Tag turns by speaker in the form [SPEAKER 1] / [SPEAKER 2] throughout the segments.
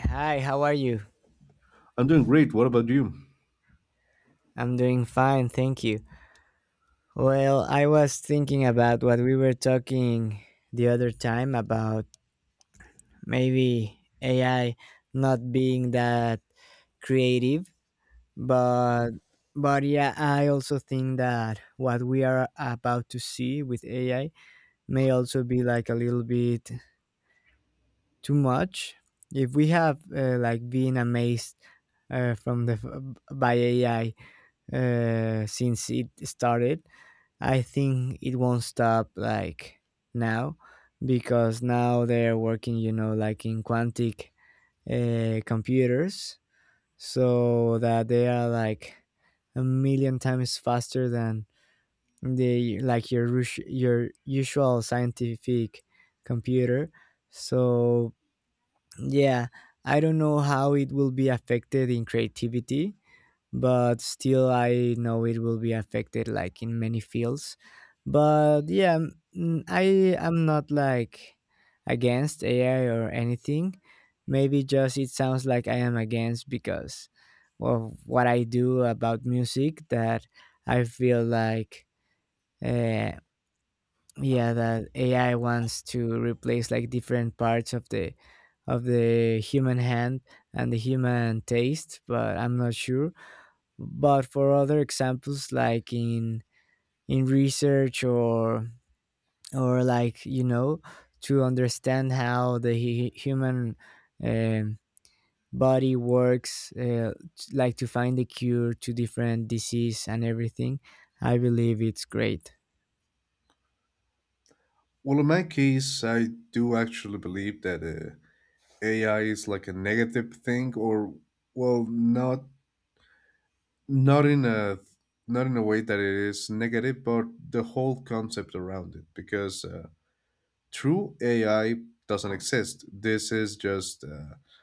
[SPEAKER 1] Hi, how are you?
[SPEAKER 2] I'm doing great. What about you?
[SPEAKER 1] I'm doing fine, thank you. Well, I was thinking about what we were talking the other time about maybe AI not being that creative, but but yeah, I also think that what we are about to see with AI may also be like a little bit too much. If we have like been amazed by AI since it started, I think it won't stop like now, because now they're working, like in quantic computers, so that they are like a million times faster than the like your usual scientific computer. So yeah, I don't know how it will be affected in creativity, but still I know it will be affected like in many fields. But yeah, I am not like against AI or anything. Maybe just it sounds like I am against because of what I do about music, that I feel like uh, yeah, that AI wants to replace like different parts of the human hand and the human taste, but I'm not sure. But for other examples, like in research, or like to understand how human um, body works, like to find a cure to different disease and everything, I believe it's great.
[SPEAKER 2] Well, in my case, I do actually believe that AI is like a negative thing, or well, not in a not in a way that it is negative, but the whole concept around it, because true AI doesn't exist. This is just uh,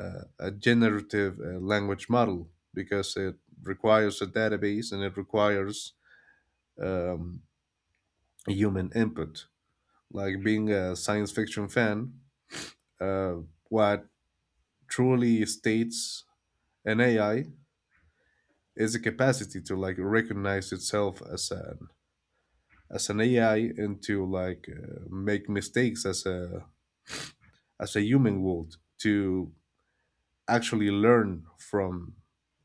[SPEAKER 2] uh, a generative language model because it requires a database and it requires um, human input. Like being a science fiction fan, uh, what truly states an AI is the capacity to like recognize itself as an AI and to like make mistakes as a human would to actually learn from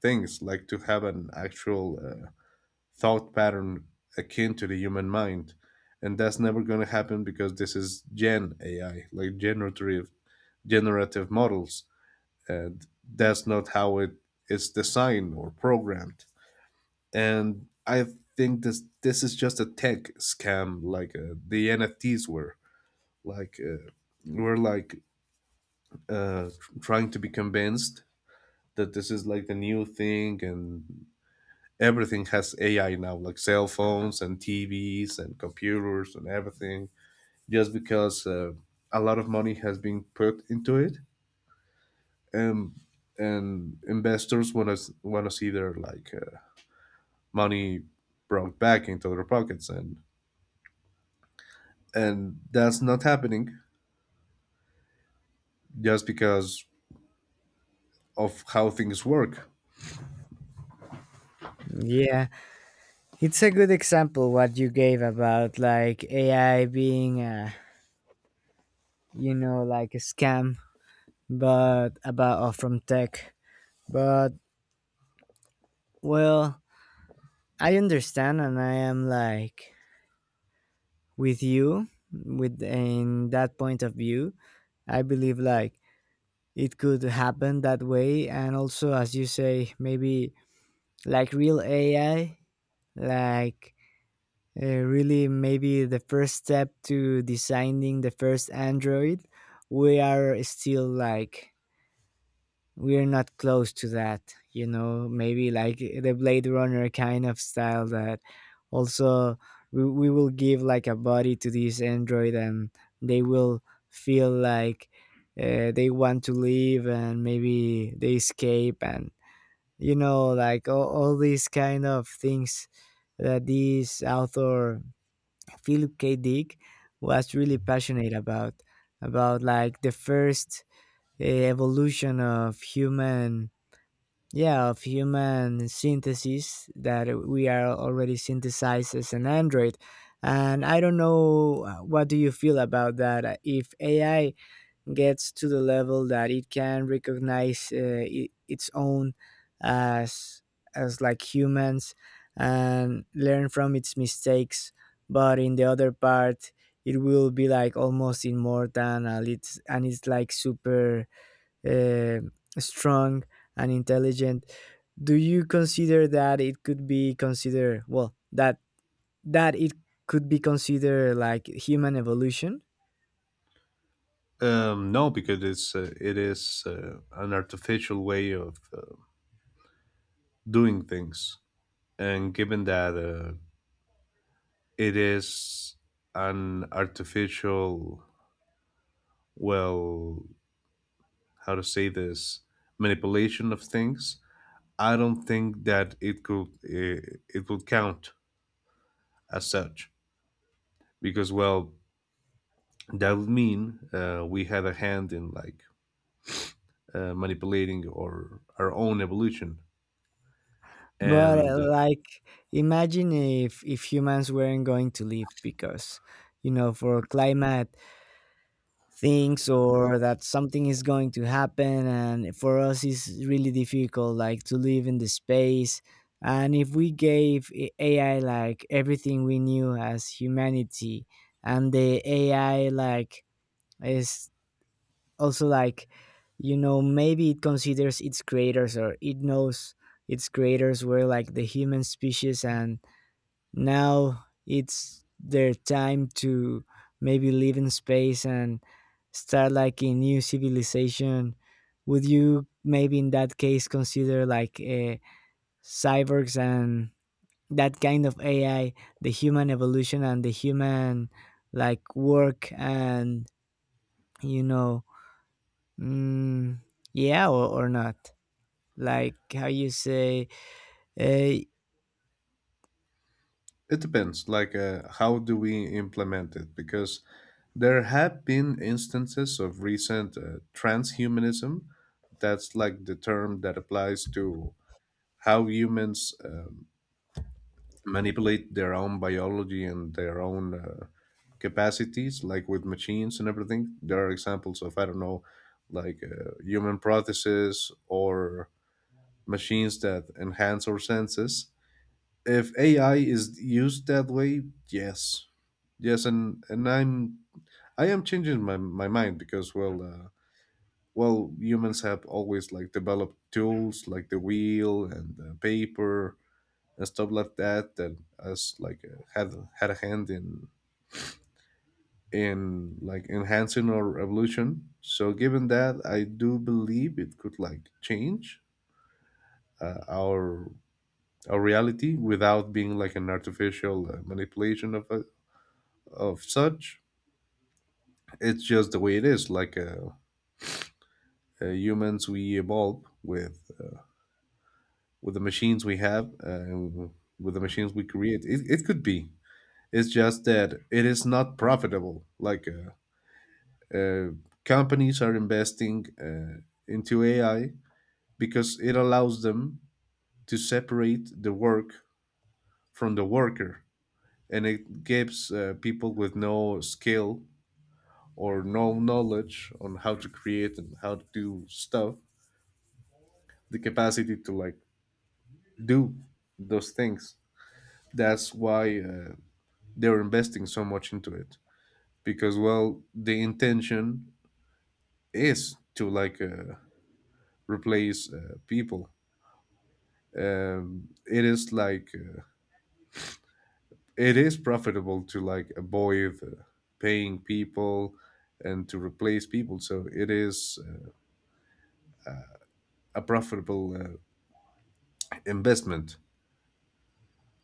[SPEAKER 2] things, like to have an actual thought pattern akin to the human mind. And that's never going to happen because this is gen ai, like generative models. And that's not how it is designed or programmed. And I think this is just a tech scam like the nfts were, like we're like, uh, trying to be convinced that this is like the new thing. And everything has ai now, like cell phones and tvs and computers and everything, just because a lot of money has been put into it. And investors want to see their like money brought back into their pockets. And that's not happening just because of how things work.
[SPEAKER 1] Yeah, it's a good example what you gave about like AI being a, like a scam, but about or from tech. But well, I understand, and I am like with you with in that point of view. I believe like it could happen that way, and also as you say, maybe like real AI, like really maybe the first step to designing the first Android. We are still like we're not close to that, maybe like the Blade Runner kind of style. That also, we will give like a body to this android and they will feel like they want to leave and maybe they escape, and like all these kind of things that this author, Philip K. Dick, was really passionate about, like the first evolution of human, yeah, of human synthesis, that we are already synthesized as an android. And I don't know, what do you feel about that? If AI gets to the level that it can recognize I its own as like humans and learn from its mistakes, but in the other part it will be like almost immortal, and it's like super uh, strong and intelligent, do you consider that it could be considered, well, that it could be considered like human evolution?
[SPEAKER 2] Um, no, because it's it is an artificial way of doing things. And given that it is an artificial, well, how to say this, manipulation of things, I don't think that it could, it would count as such. Because, well, that would mean we had a hand in, like, manipulating or our own evolution.
[SPEAKER 1] But
[SPEAKER 2] And
[SPEAKER 1] like, imagine if humans weren't going to live because, for climate things, or that something is going to happen and for us it's really difficult like to live in the space. And if we gave AI like everything we knew as humanity, and the AI like is, also like, maybe it considers its creators, or it knows its creators were like the human species, and now it's their time to maybe live in space and start like a new civilization, would you maybe in that case consider like cyborgs and that kind of AI the human evolution and the human like work, and you know mm, yeah, or not, like how you say, uh,
[SPEAKER 2] it depends, like, how do we implement it? Because there have been instances of recent transhumanism. That's like the term that applies to how humans manipulate their own biology and their own capacities, like with machines and everything. There are examples of, I don't know, like human prostheses or machines that enhance our senses. If AI is used that way, yes, yes, and I am changing my mind, because well, well, humans have always like developed tools like the wheel and the paper and stuff like that, that has like had a hand in like enhancing our evolution. So given that, I do believe it could like change our reality without being like an artificial manipulation of such. It's just the way it is. Like humans, we evolve with the machines we have, and with the machines we create. It could be. It's just that it is not profitable. Like. Uh, Companies are investing into AI because it allows them to separate the work from the worker. And it gives people with no skill or no knowledge on how to create and how to do stuff the capacity to like do those things. That's why they're investing so much into it, because, well, the intention is to like replace people. Um, it is like it is profitable to like avoid paying people and to replace people. So it is a profitable investment.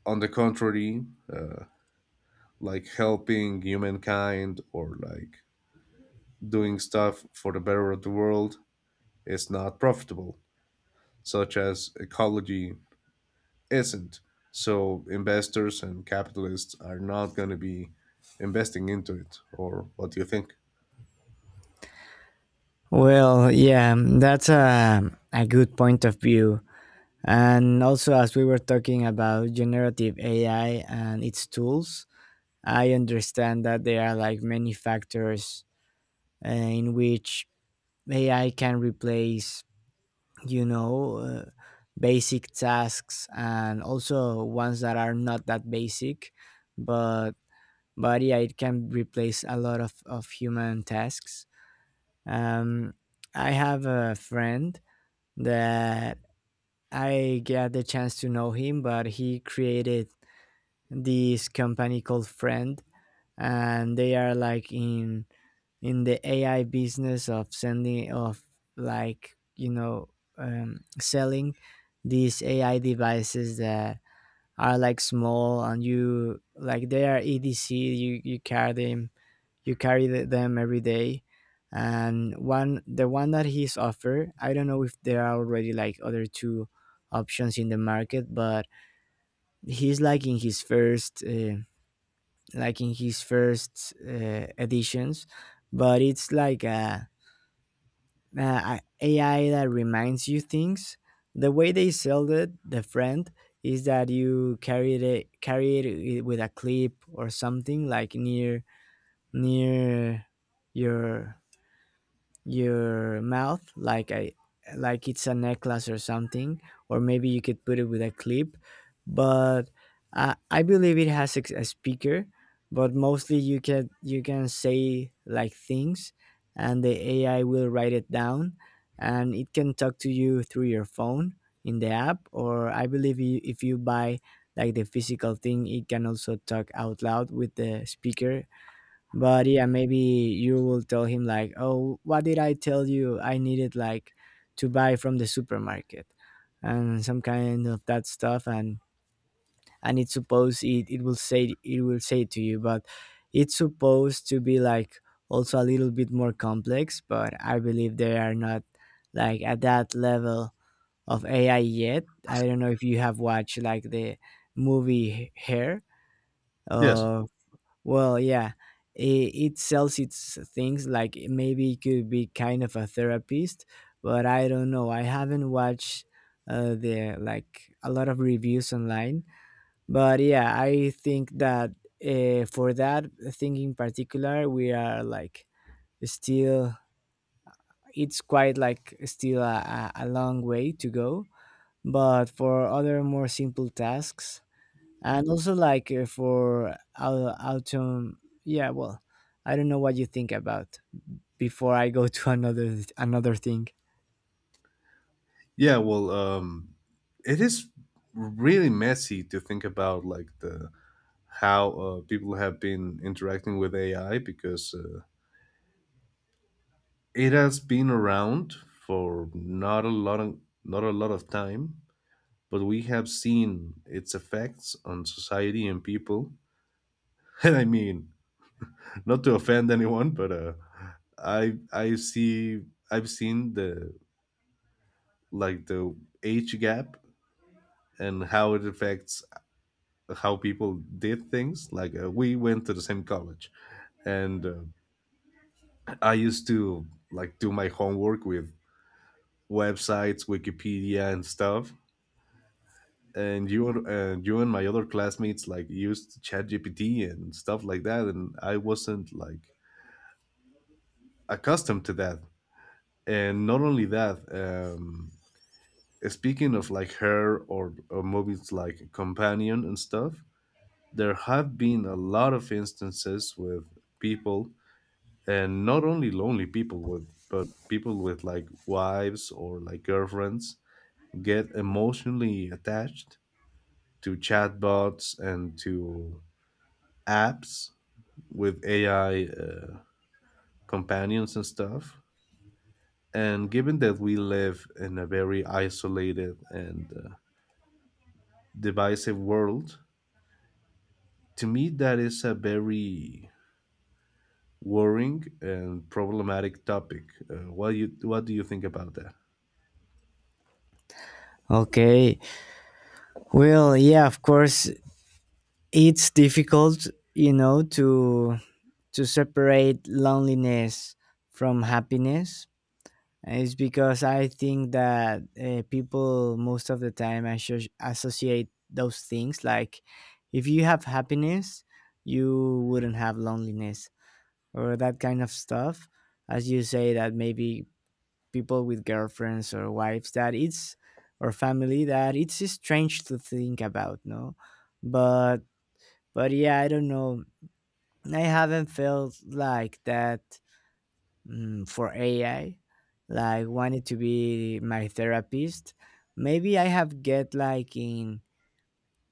[SPEAKER 2] On the contrary, uh, like helping humankind or like doing stuff for the better of the world is not profitable, such as ecology isn't. So investors and capitalists are not going to be investing into it. Or what do you think?
[SPEAKER 1] well yeah, that's a good point of view. And also, as we were talking about generative AI and its tools, I understand that there are like many factors in which AI can replace, you know, basic tasks and also ones that are not that basic, but but yeah, it can replace a lot of human tasks. Um, I have a friend that I get the chance to know him, but he created this company called Friend, and they are like in the AI business of sending of like you know selling these AI devices that are like small, and you like they are EDC. You carry them, you carry them every day. And one the one that he's offered, I don't know if there are already like other two options in the market, but he's like in his first editions, but it's like a AI that reminds you things. The way they sold it, the friend, is that you carry it, with a clip or something, like near near your mouth, like a, it's a necklace or something, or maybe you could put it with a clip. But I believe it has a speaker, but mostly you can say like things, and the AI will write it down, and it can talk to you through your phone in the app, or I believe, if you buy like the physical thing, it can also talk out loud with the speaker. But yeah, maybe you will tell him like, oh, what did I tell you I needed like to buy from the supermarket and some kind of that stuff, and it's supposed, it will say it will say to you. But it's supposed to be like also a little bit more complex, but I believe they are not like at that level of AI yet. I don't know if you have watched like the movie Hair.
[SPEAKER 2] Yes.
[SPEAKER 1] uh, well, yeah, it sells its things, like maybe it could be kind of a therapist, but I don't know. I haven't watched the like a lot of reviews online, but yeah, I think that for that thing in particular, we are like still. It's quite like still a long way to go, but for other more simple tasks, and also like for autumn, yeah, well, I don't know what you think about before I go to another thing.
[SPEAKER 2] Yeah, well, it is really messy to think about like the how people have been interacting with AI, because it has been around for not a lot of time, but we have seen its effects on society and people. And I mean, not to offend anyone, but I I see I've seen the like the age gap and how it affects how people did things. Like we went to the same college, and I used to like do my homework with websites, Wikipedia, and stuff. And you and my other classmates like used ChatGPT and stuff like that, and I wasn't like accustomed to that. And not only that, speaking of like her, or movies like Companion and stuff, there have been a lot of instances with people, and not only lonely people with, but people with like wives or like girlfriends, get emotionally attached to chatbots and to apps with AI companions and stuff. And given that we live in a very isolated and divisive world, to me that is a very worrying and problematic topic. What do you think about that?
[SPEAKER 1] Okay, well, yeah, of course it's difficult, to separate loneliness from happiness. And it's because I think that people most of the time associate those things, like if you have happiness, you wouldn't have loneliness, or that kind of stuff. As you say, that maybe people with girlfriends or wives that it's, or family that it's strange to think about. No, but yeah, I don't know, I haven't felt like that. For AI like wanted to be my therapist, maybe I have get like in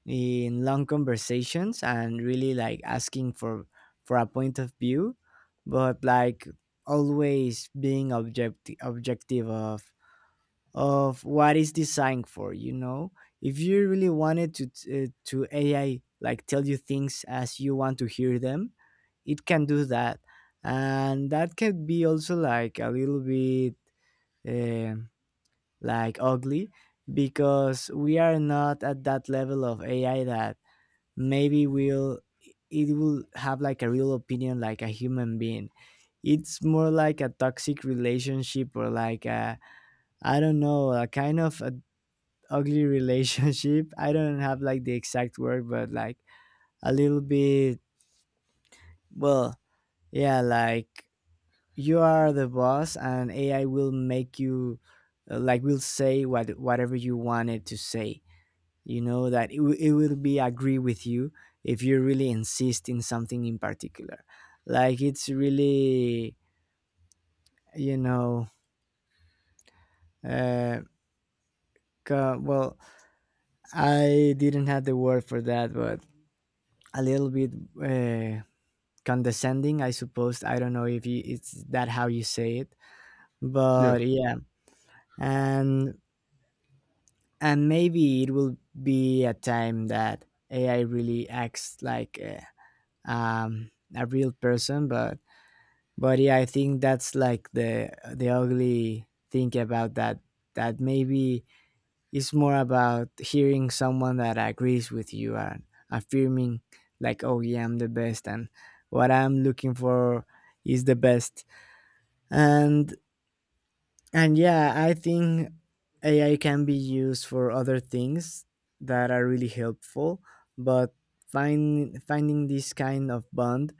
[SPEAKER 1] long conversations, and really like asking for a point of view, but like, always being objective, of what is designed for. If you really wanted to, to AI, like tell you things as you want to hear them, it can do that. And that can be also like a little bit um like ugly, because we are not at that level of AI that maybe we'll it will have like a real opinion, like a human being. It's more like a toxic relationship, or like a, I don't know, a kind of a ugly relationship I don't have like the exact word, but like a little bit, well, yeah, like you are the boss, and AI will make you like, will say whatever you want it to say. You know that it will be agree with you, if you really insist in something in particular. Like, it's really, you know uh, well, I didn't have the word for that, but a little bit uh, condescending, I suppose. I don't know if it's that how you say it,
[SPEAKER 2] Yeah.
[SPEAKER 1] but yeah. And and maybe it will be a time that AI really acts like um, a real person. But yeah, I think that's like the ugly thing about that. That maybe it's more about hearing someone that agrees with you, and affirming, like, "Oh yeah, I'm the best," and what I'm looking for is the best. And and yeah, I think AI can be used for other things that are really helpful, but finding this kind of bond,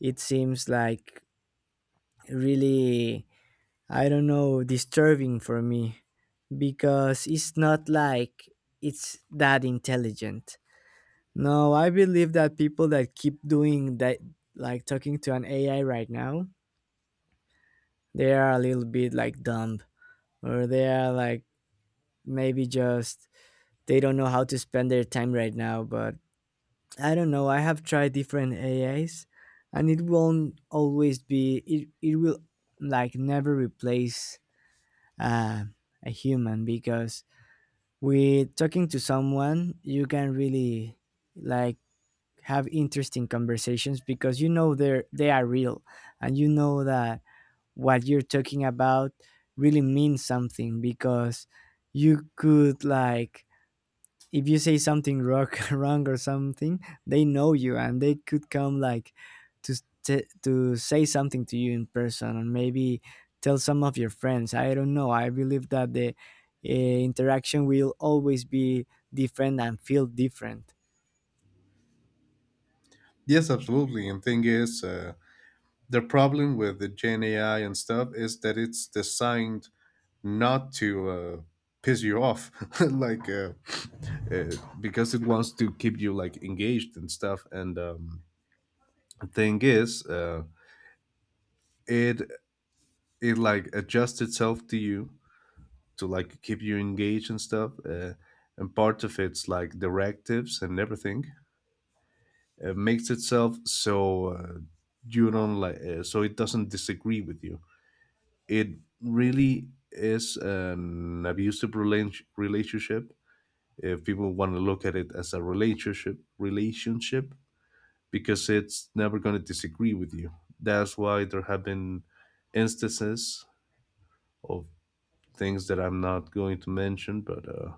[SPEAKER 1] it seems like really, I don't know, disturbing for me, because it's not like it's that intelligent. No, I believe that people that keep doing that, like talking to an AI right now, they are a little bit like dumb, or they are like maybe just they don't know how to spend their time right now. But I don't know, I have tried different AIs and it won't always be, it will like never replace uh, a human, because with talking to someone you can really, like, have interesting conversations because you know they are real and you know that what you're talking about really means something. Because you could, like, if you say something rock, wrong or something, they know you and they could come, like, to say something to you in person, and maybe tell some of your friends. I don't know. I believe that the interaction will always be different and feel different.
[SPEAKER 2] Yes, absolutely. And thing is, the problem with the Gen AI and stuff is that it's designed not to piss you off, like uh, because it wants to keep you like engaged and stuff. And thing is, it like adjusts itself to you, to like keep you engaged and stuff. And part of its like directives and everything makes itself so, you don't like so it doesn't disagree with you. It really is an relationship, if people want to look at it as a relationship, because it's never going to disagree with you. That's why there have been instances of things that I'm not going to mention, but uh,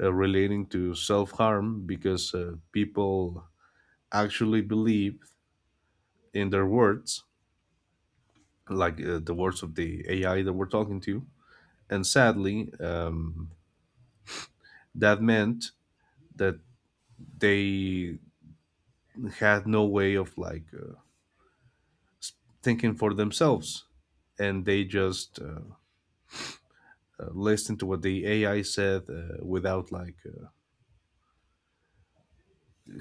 [SPEAKER 2] uh, relating to self-harm, because people actually believe in their words, like the words of the ai that we're talking to. And sadly, that meant that they had no way of like thinking for themselves, and they just listened to what the ai said, without like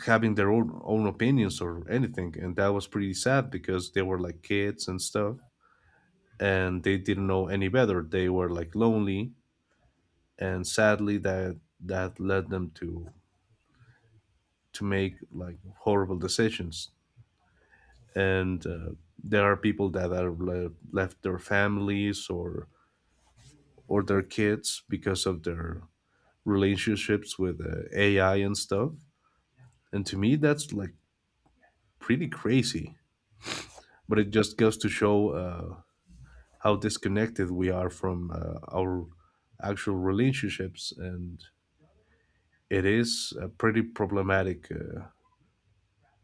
[SPEAKER 2] having their own opinions or anything. And that was pretty sad, because they were like kids and stuff, and they didn't know any better. They were like lonely, and sadly that led them to make like horrible decisions. And there are people that are left their families or their kids because of their relationships with AI and stuff. And to me, that's like pretty crazy. But it just goes to show how disconnected we are from our actual relationships. And it is a pretty problematic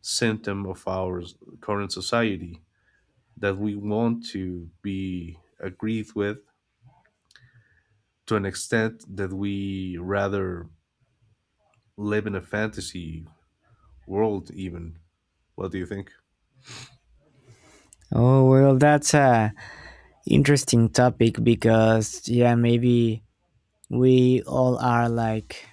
[SPEAKER 2] symptom of current society, that we want to be agreed with to an extent that we rather live in a fantasy world, even. What do you think?
[SPEAKER 1] Oh, well, that's a interesting topic, because yeah, maybe we all are like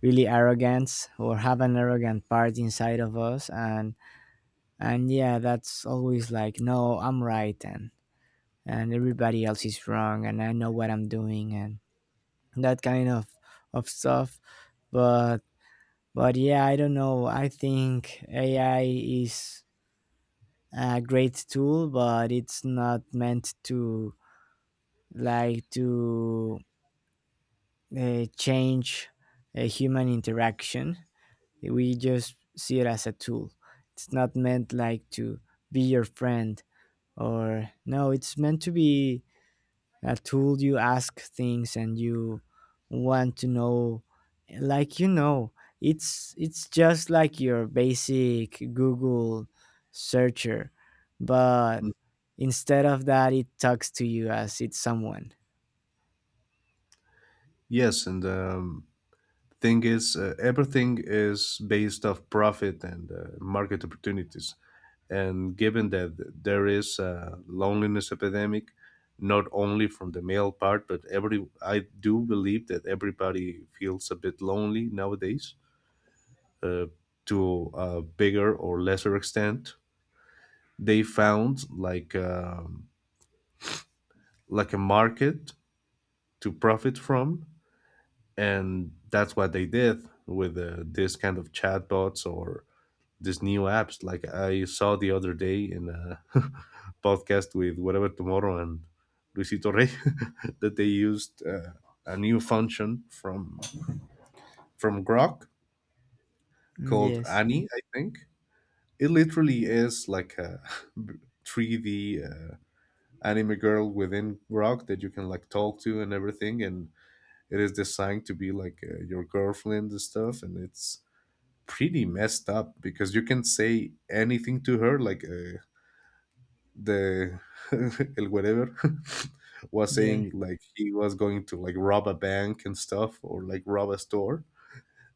[SPEAKER 1] really arrogant or have an arrogant part inside of us, and yeah, that's always like, no, I'm right, and everybody else is wrong and I know what I'm doing, and that kind of stuff. but but yeah, I don't know, I think AI is a great tool, but it's not meant to, like, to change a human interaction. We just see it as a tool. It's not meant, like, to be your friend or, no, it's meant to be a tool. You ask things and you want to know, like, you know, it's just like your basic Google searcher. But
[SPEAKER 2] Mm.
[SPEAKER 1] instead of that, it talks to you as it's someone.
[SPEAKER 2] Yes, and the thing is, everything is based off profit and market opportunities. And given that there is a loneliness epidemic, not only from the male part, but every I do believe that everybody feels a bit lonely nowadays, uh, to a bigger or lesser extent. They found like a market to profit from, and that's what they did with this kind of chatbots or these new apps. Like I saw the other day in a podcast with Whatever Tomorrow and Luisito Rey, that they used a new function from Grok
[SPEAKER 1] Mm,
[SPEAKER 2] called
[SPEAKER 1] yes.
[SPEAKER 2] Annie, I think. It literally is like a 3D anime girl within Grok that you can like talk to and everything, and it is designed to be like your girlfriend and stuff. And it's pretty messed up because you can say anything to her. Like the el whatever was
[SPEAKER 1] Yeah,
[SPEAKER 2] saying like he was going to like rob a bank and stuff, or like rob a store.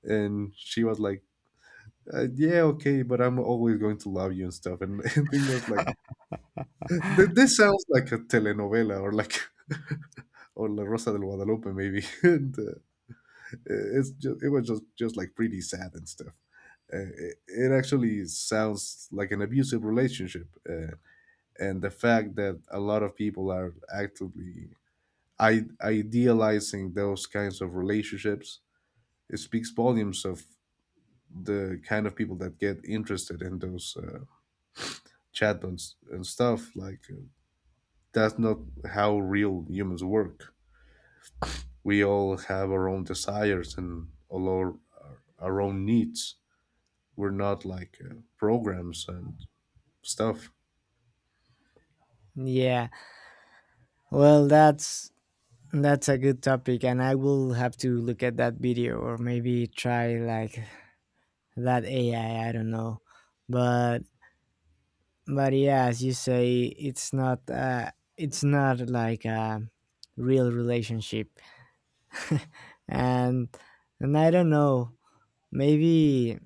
[SPEAKER 2] And she was like, yeah, okay, but I'm always going to love you and stuff. And, and thing was like, This sounds like a telenovela, or like or la rosa del guadalupe maybe." And, it's just, it was just like pretty sad and stuff. Uh, it, it actually sounds like an abusive relationship, and the fact that a lot of people are actively idealizing those kinds of relationships, it speaks volumes of the kind of people that get interested in those chatbots and stuff. Like that's not how real humans work. We all have our own desires and all our own needs. We're not like programs and stuff.
[SPEAKER 1] yeah, well, that's a good topic, and I will have to look at that video or maybe try like that AI. I don't know, but but yeah, as you say, it's not uh, it's not like a real relationship. and and I don't know, maybe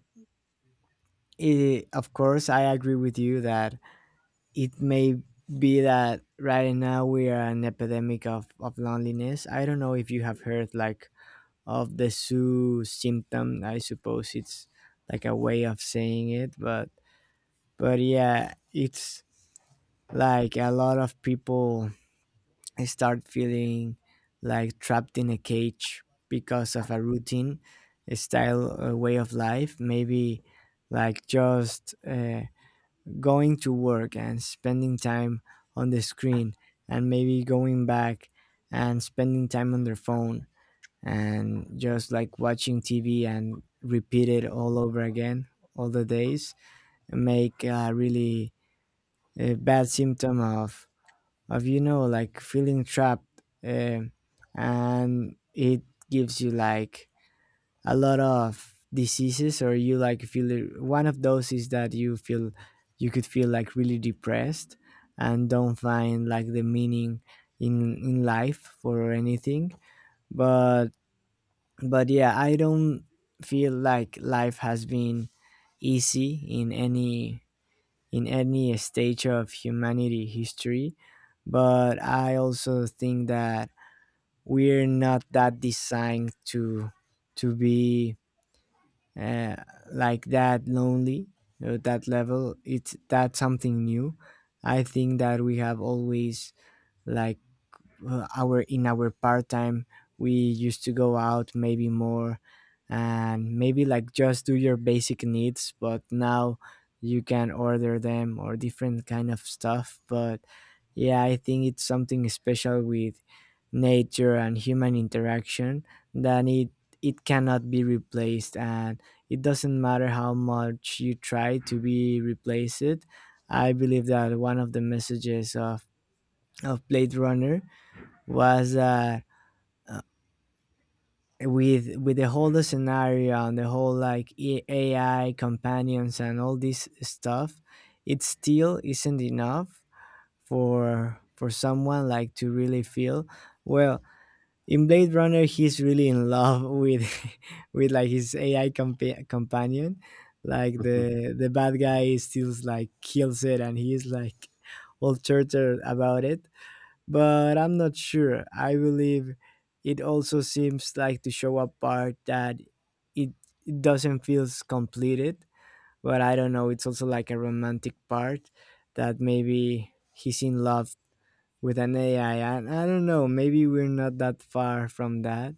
[SPEAKER 1] it, of course I agree with you that it may be that right now we are an epidemic of loneliness. I don't know if you have heard like of the Sue symptom. I suppose it's like a way of saying it, but yeah, it's like a lot of people, I start feeling like trapped in a cage because of a routine, a style, a way of life. Maybe like just going to work and spending time on the screen, and maybe going back and spending time on their phone, and just like watching TV and repeat it all over again all the days, make a really a bad symptom of, you know, like feeling trapped. And it gives you like a lot of diseases, or you like feel it- one of those is that you feel, you could feel like really depressed and don't find like the meaning in life or anything. but but yeah, I don't feel like life has been easy in any, in any stage of humanity history. But I also think that we're not that designed to be uh, like that lonely at that level. It's, that's something new. I think that we have always, like, our, in our part time, we used to go out maybe more and maybe like just do your basic needs, but now you can order them or different kind of stuff. But yeah, I think it's something special with nature and human interaction, that it cannot be replaced. And it doesn't matter how much you try to be replace it. I believe that one of the messages of Blade Runner was that uh, with the whole scenario and the whole like E, A- AI companions and all this stuff, it still isn't enough for someone like to really feel well. In Blade Runner, he's really in love with with like his AI companion. Like the bad guy still like kills it, and he's like all tortured about it. But I'm not sure. I believe it also seems like to show a part that it, it doesn't feel completed, but I don't know. It's also like a romantic part that maybe he's in love with an AI. And I don't know, maybe we're not that far from that.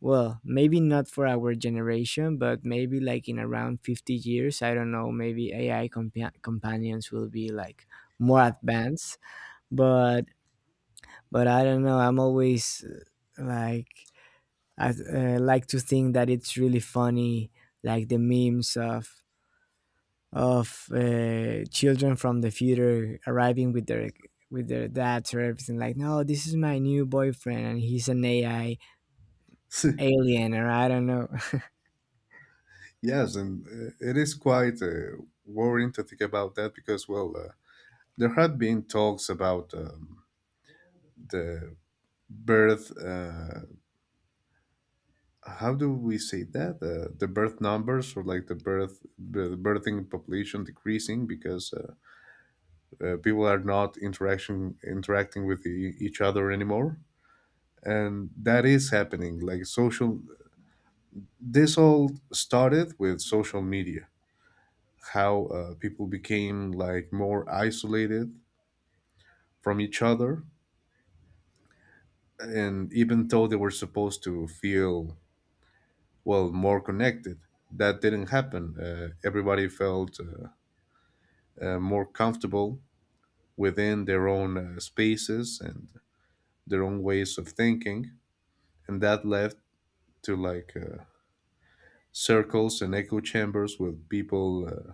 [SPEAKER 1] Well, maybe not for our generation, but maybe like in around 50 years, I don't know, maybe AI companions will be like more advanced. But but I don't know. I'm always like, I like to think that it's really funny, like the memes of children from the future arriving with their, with their dads or everything like, no, this is my new boyfriend and he's an AI alien, or I don't know.
[SPEAKER 2] Yes, and it is quite worrying to think about that, because, well, there had been talks about the birth. How do we say that? The birth numbers, or like the birthing population decreasing, because people are not interaction interacting with each other anymore. And that is happening like social this all started with social media, how people became like more isolated from each other. And even though they were supposed to feel, well, more connected, that didn't happen. Everybody felt more comfortable within their own spaces and their own ways of thinking. And that led to like circles and echo chambers, with people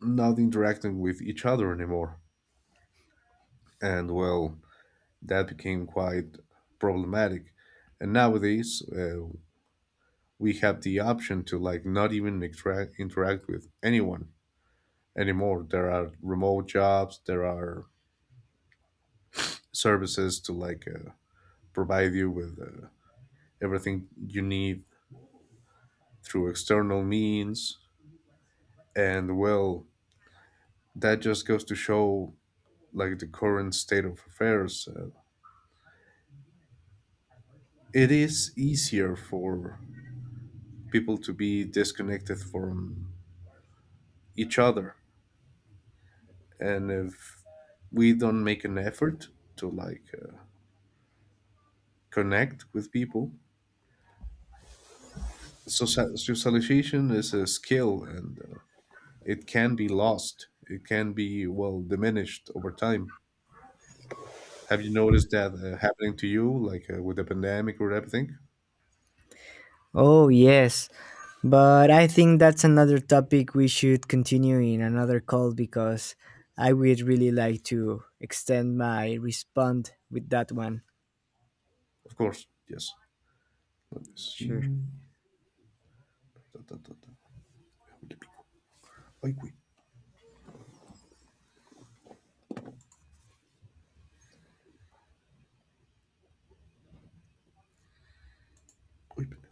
[SPEAKER 2] not interacting with each other anymore. And well, that became quite problematic. And nowadays, we have the option to like not even interact with anyone anymore. There are remote jobs. There are services to like provide you with everything you need through external means. And well, that just goes to show like the current state of affairs. It is easier for people to be disconnected from each other. And if we don't make an effort to like connect with people, socialization is a skill, and it can be lost, it can be, well, diminished over time. Have you noticed that happening to you, like with the pandemic or everything?
[SPEAKER 1] Oh, yes, but I think that's another topic we should continue in another call, because I would really like to extend my respond with that one.
[SPEAKER 2] Of course, yes, let me see.
[SPEAKER 1] Sure.
[SPEAKER 2] Ta, ta, ta, ta. Ay, güey. Ay, güey.